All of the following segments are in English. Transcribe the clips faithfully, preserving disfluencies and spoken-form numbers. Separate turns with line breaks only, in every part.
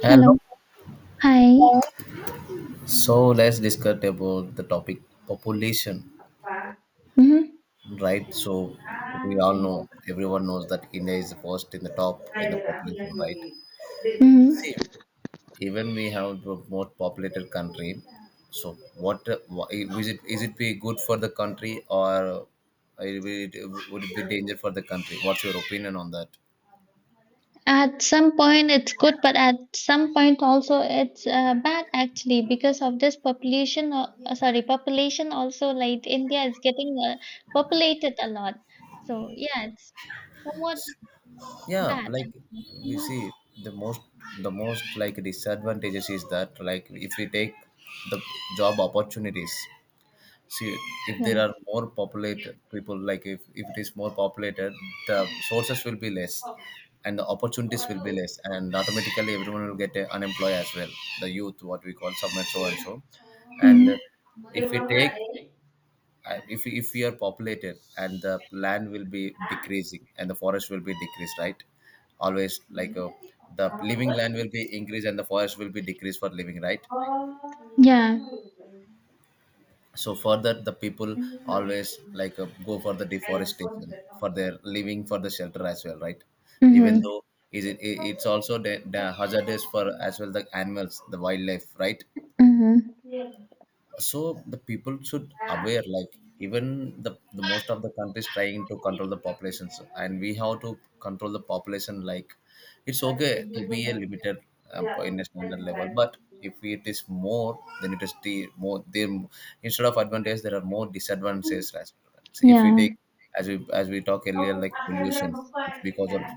Hello.
Hello. Hi.
So let's discuss about the topic population,
Mhm.
right? So we all know, everyone knows that India is first in the top in the population, right?
Mhm.
See, even we have the most populated country. So what why- is it? Is it be good for the country, or it will- it- would it be danger for the country? What's your opinion on that?
At some point it's good, but at some point also it's uh, bad actually because of this population. Uh, uh, sorry, population also like India is getting uh, populated a lot. So yeah, it's somewhat
Yeah,
bad
like
actually.
we
Hmm.
see the most the most like disadvantages is that, like, if we take the job opportunities. See, if
Yeah.
there are more populated people, like if, if it is more populated, the sources will be less and the opportunities will be less, and automatically everyone will get uh, unemployed as well, the youth what we call submit, so and so.
Hmm.
And if we take, I- if we- if we are populated, and the land will be decreasing and the forest will be decreased, right? Always, like, uh, the living land will be increased and the forest will be decreased for living, right?
Yeah.
So further, the people always, like, uh, go for the deforestation for their living, for the shelter as well, right? Even
Hmm.
though is it i- it's also the, the hazardous for as well the animals, the wildlife, right?
Hmm.
So the people should aware, like even the, the most of the countries trying to control the populations, and we have to control the population, like it's okay to be a limited um, in a standard level, but if it is more, then it is the more, then instead of advantage there are more disadvantages as well. So if we
Yeah.
take, as we as we talk earlier, like pollution, it's because of,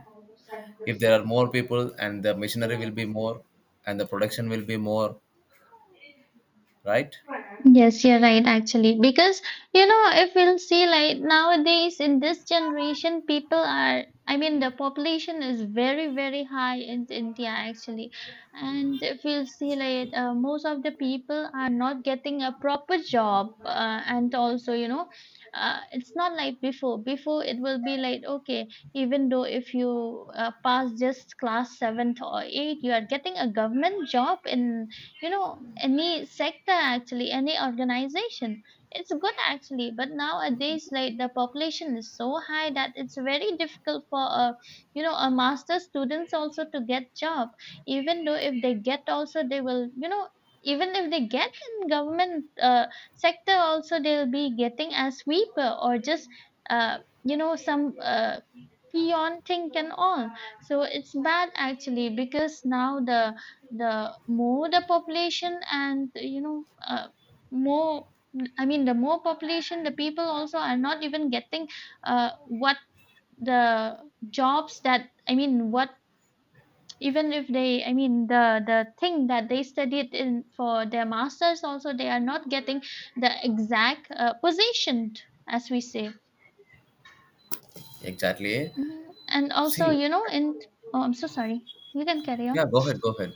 if there are more people, and the machinery will be more and the production will be more, right?
Yes, you're right, actually. Because, you know, if we'll see like nowadays in this generation, people are, I mean, the population is very, very high in India, actually. And if we'll see like uh, most of the people are not getting a proper job. Uh, and also, you know, uh, it's not like before. Before, it will be like, okay, even though if you uh, pass just class seventh or eight, you are getting a government job in you know any sector, actually any organization. It's good actually, but nowadays like the population is so high that it's very difficult for a you know a master students also to get job. Even though if they get also, they will you know even if they get in government uh, sector also, they'll be getting a sweeper or just uh, you know some uh, peon thing and all. So it's bad actually because now the the more the population, and you know uh, more, I mean the more population, the people also are not even getting uh, what the jobs that, I mean what, even if they, I mean the the thing that they studied in for their masters, also they are not getting the exact uh, position, as we say.
Exactly.
Mhm. And also,
See.
you know in oh, I'm so sorry, you can carry
Yeah,
on.
go ahead, go ahead.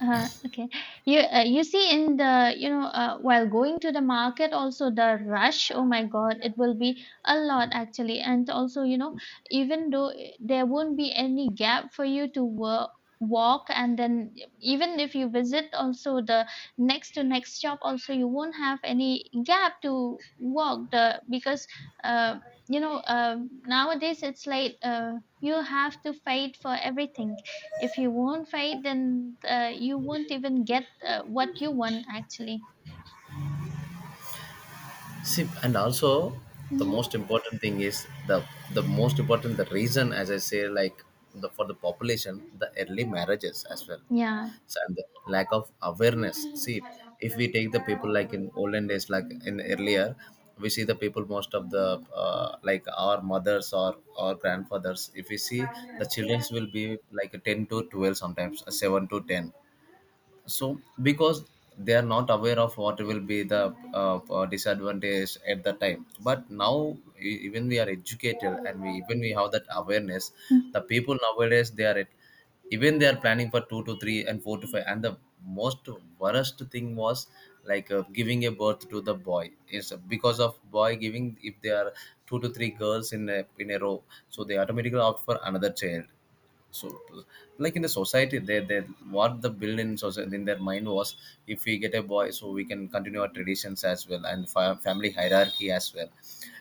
Uh, okay. You uh, you see in the you know uh, while going to the market also, the rush. Oh my God, it will be a lot actually. And also, you know even though i- there won't be any gap for you to work walk. And then, even if you visit also the next to next shop, also you won't have any gap to walk, the because uh, you know um nowadays it's like uh, you have to fight for everything. If you won't fight, then uh, you won't even get uh, what you want, actually.
See, and also the
Hmm.
most important thing is the the most important, the reason, as I say, like the for the population, the early marriages as well,
Yeah.
so, and the lack of awareness. See, if we take the people like in olden days, like in earlier, we see the people, most of the uh, like our mothers or our grandfathers. If we see, the childrens will be like ten to twelve sometimes, seven to ten, so because they are not aware of what will be the uh, uh, disadvantage at the time. But now e- even we are educated and we even we have that awareness.
Mm.
The people nowadays, they are at, even they are planning for two to 3 and 4 to five, and the most worst thing was like uh, giving a birth to the boy, is because of boy giving, if they are two to three girls in a in a row, so they automatically opt for another child. So, like in the society, they they what the build in society in their mind was, if we get a boy, so we can continue our traditions as well, and fa- family hierarchy as well.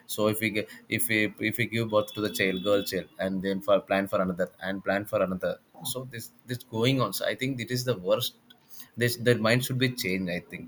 So if we get, if we if we give birth to the child, girl child, and then for plan for another and plan for another. So this this going on, so I think it is the worst, this their mind should be changed, I think,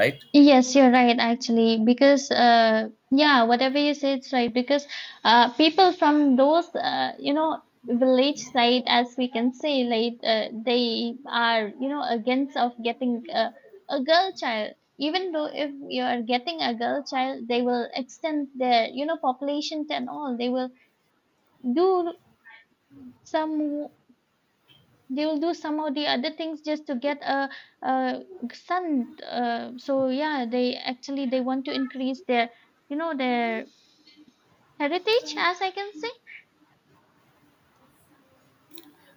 right?
Yes, you're right, actually, because uh, yeah, whatever you say, it's right. Because uh, people from those, uh, you know, village side, as we can say, like uh, they are, you know, against of getting uh, a girl child. Even though if you are getting a girl child, they will extend their, you know, population and all. They will do some they will do some of the other things just to get a, a son. Uh, so yeah, they actually they want to increase their you know their heritage, as I can say.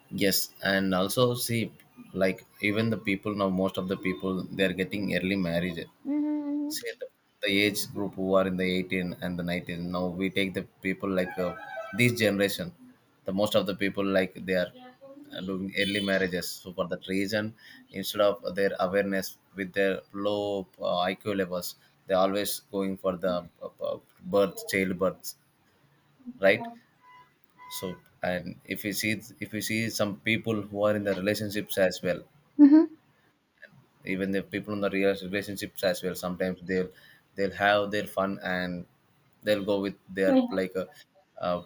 Yes, and also, see, like even the people now, most of the people, they are getting early marriage.
Mm-hmm.
Say the, the age group who are in the eighteen and the nineteen, now we take the people like uh, this generation, the most of the people, like they are uh, doing early marriages. So for that reason, instead of their awareness, with their low uh, I Q levels, they're always going for the uh, uh, birth child births, right? So, and if you see, if you see some people who are in the relationships as well,
Mm-hmm.
even the people in the real relationships as well, sometimes they'll they'll have their fun, and they'll go with their
Mm-hmm.
like uh, uh,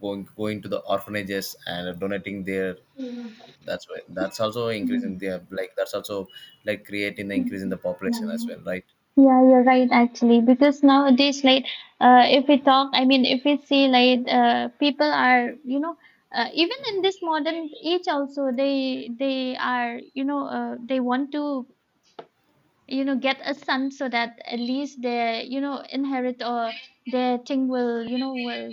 going going to the orphanages and donating their, that's why that's also increasing their, like, that's also like creating the increase in the population as well, right?
Yeah, you're right actually, because nowadays like uh, if we talk, I mean if we see like uh, people are, you know uh, even in this modern age also, they they are, you know uh, they want to you know get a son so that at least they you know inherit, or their thing will, you know will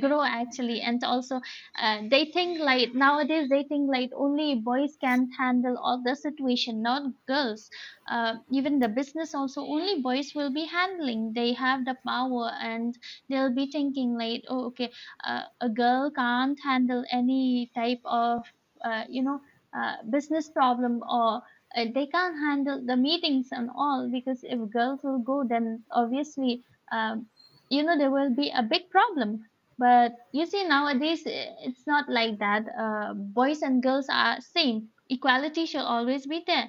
grow actually. And also, uh, they think like nowadays they think like only boys can handle all the situation, not girls. Uh, even the business also only boys will be handling, they have the power. And they'll be thinking like, oh, okay, uh, a girl can't handle any type of uh, you know uh, business problem, or uh, they can't handle the meetings and all. Because if girls will go, then obviously, um, you know there will be a big problem. But you see, nowadays eh, it's not like that. Uh, boys and girls are same. Equality should always be there,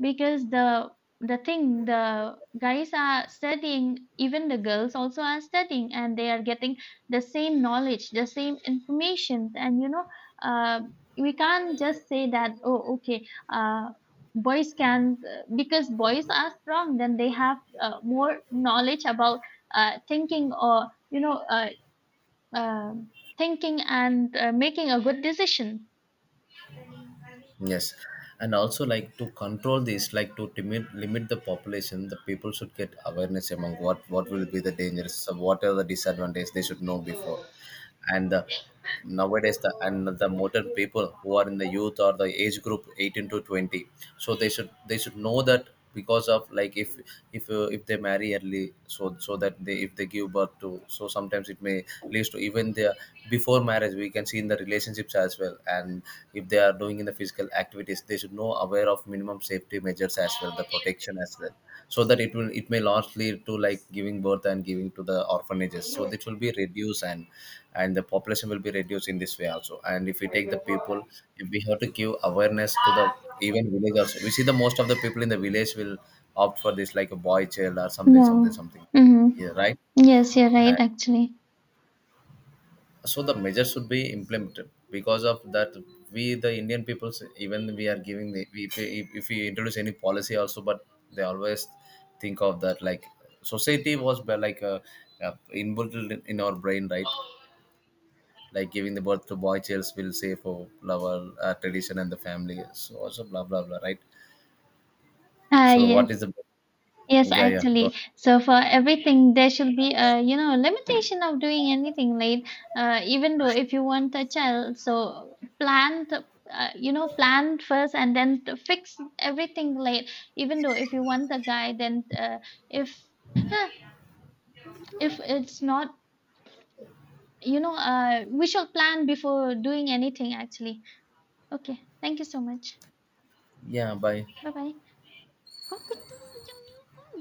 because the the thing the guys are studying, even the girls also are studying, and they are getting the same knowledge, the same information. And you know, uh, we can't just say that, oh, okay, uh, boys can because boys are strong, then they have uh, more knowledge about uh, thinking, or you know uh, um, thinking and uh, making a good decision.
Yes, and also, like, to control this, like to limit limit the population, the people should get awareness among what what will be the dangers, so what are the disadvantages they should know before. And the, nowadays, the and the modern people who are in the youth, or the age group eighteen to twenty, so they should, they should know that, because of, like, if, if uh, if they marry early, so so that they, if they give birth to, so sometimes it may leads to even their. Before marriage, we can see in the relationships as well, and if they are doing in the physical activities, they should know know aware of minimum safety measures as well, the protection as well, so that it will, it may not lead to like giving birth and giving to the orphanages. So this will be reduced, and and the population will be reduced in this way also. And if we take the people, if we have to give awareness to the, even village also, we see the most of the people in the village will opt for this, like a boy child or something
Yeah.
something something,
Mm-hmm.
yeah, right?
Yes, you're right, actually.
So the measure should be implemented, because of that, we the indian people, even we are giving the, we, if, we- if we introduce any policy also, but they always think of that, like, society was be- like uh, uh, inbuilt in in our brain, right? Like giving the birth to boy childs will say for lover uh, tradition and the family, so also blah blah blah, right?
Ah,
So
yes.
what is the,
Yes,
yeah, yeah, go on.
actually. So for everything, there should be a, you know, limitation of doing anything, right? Uh, even though if you want a child, so plan the, uh, you know, plan first and then to fix everything late. Even though if you want a guy, then uh, if huh, if it's not, you know, uh, we should plan before doing anything, actually. Okay. Thank you so much.
Yeah, bye.
Bye bye.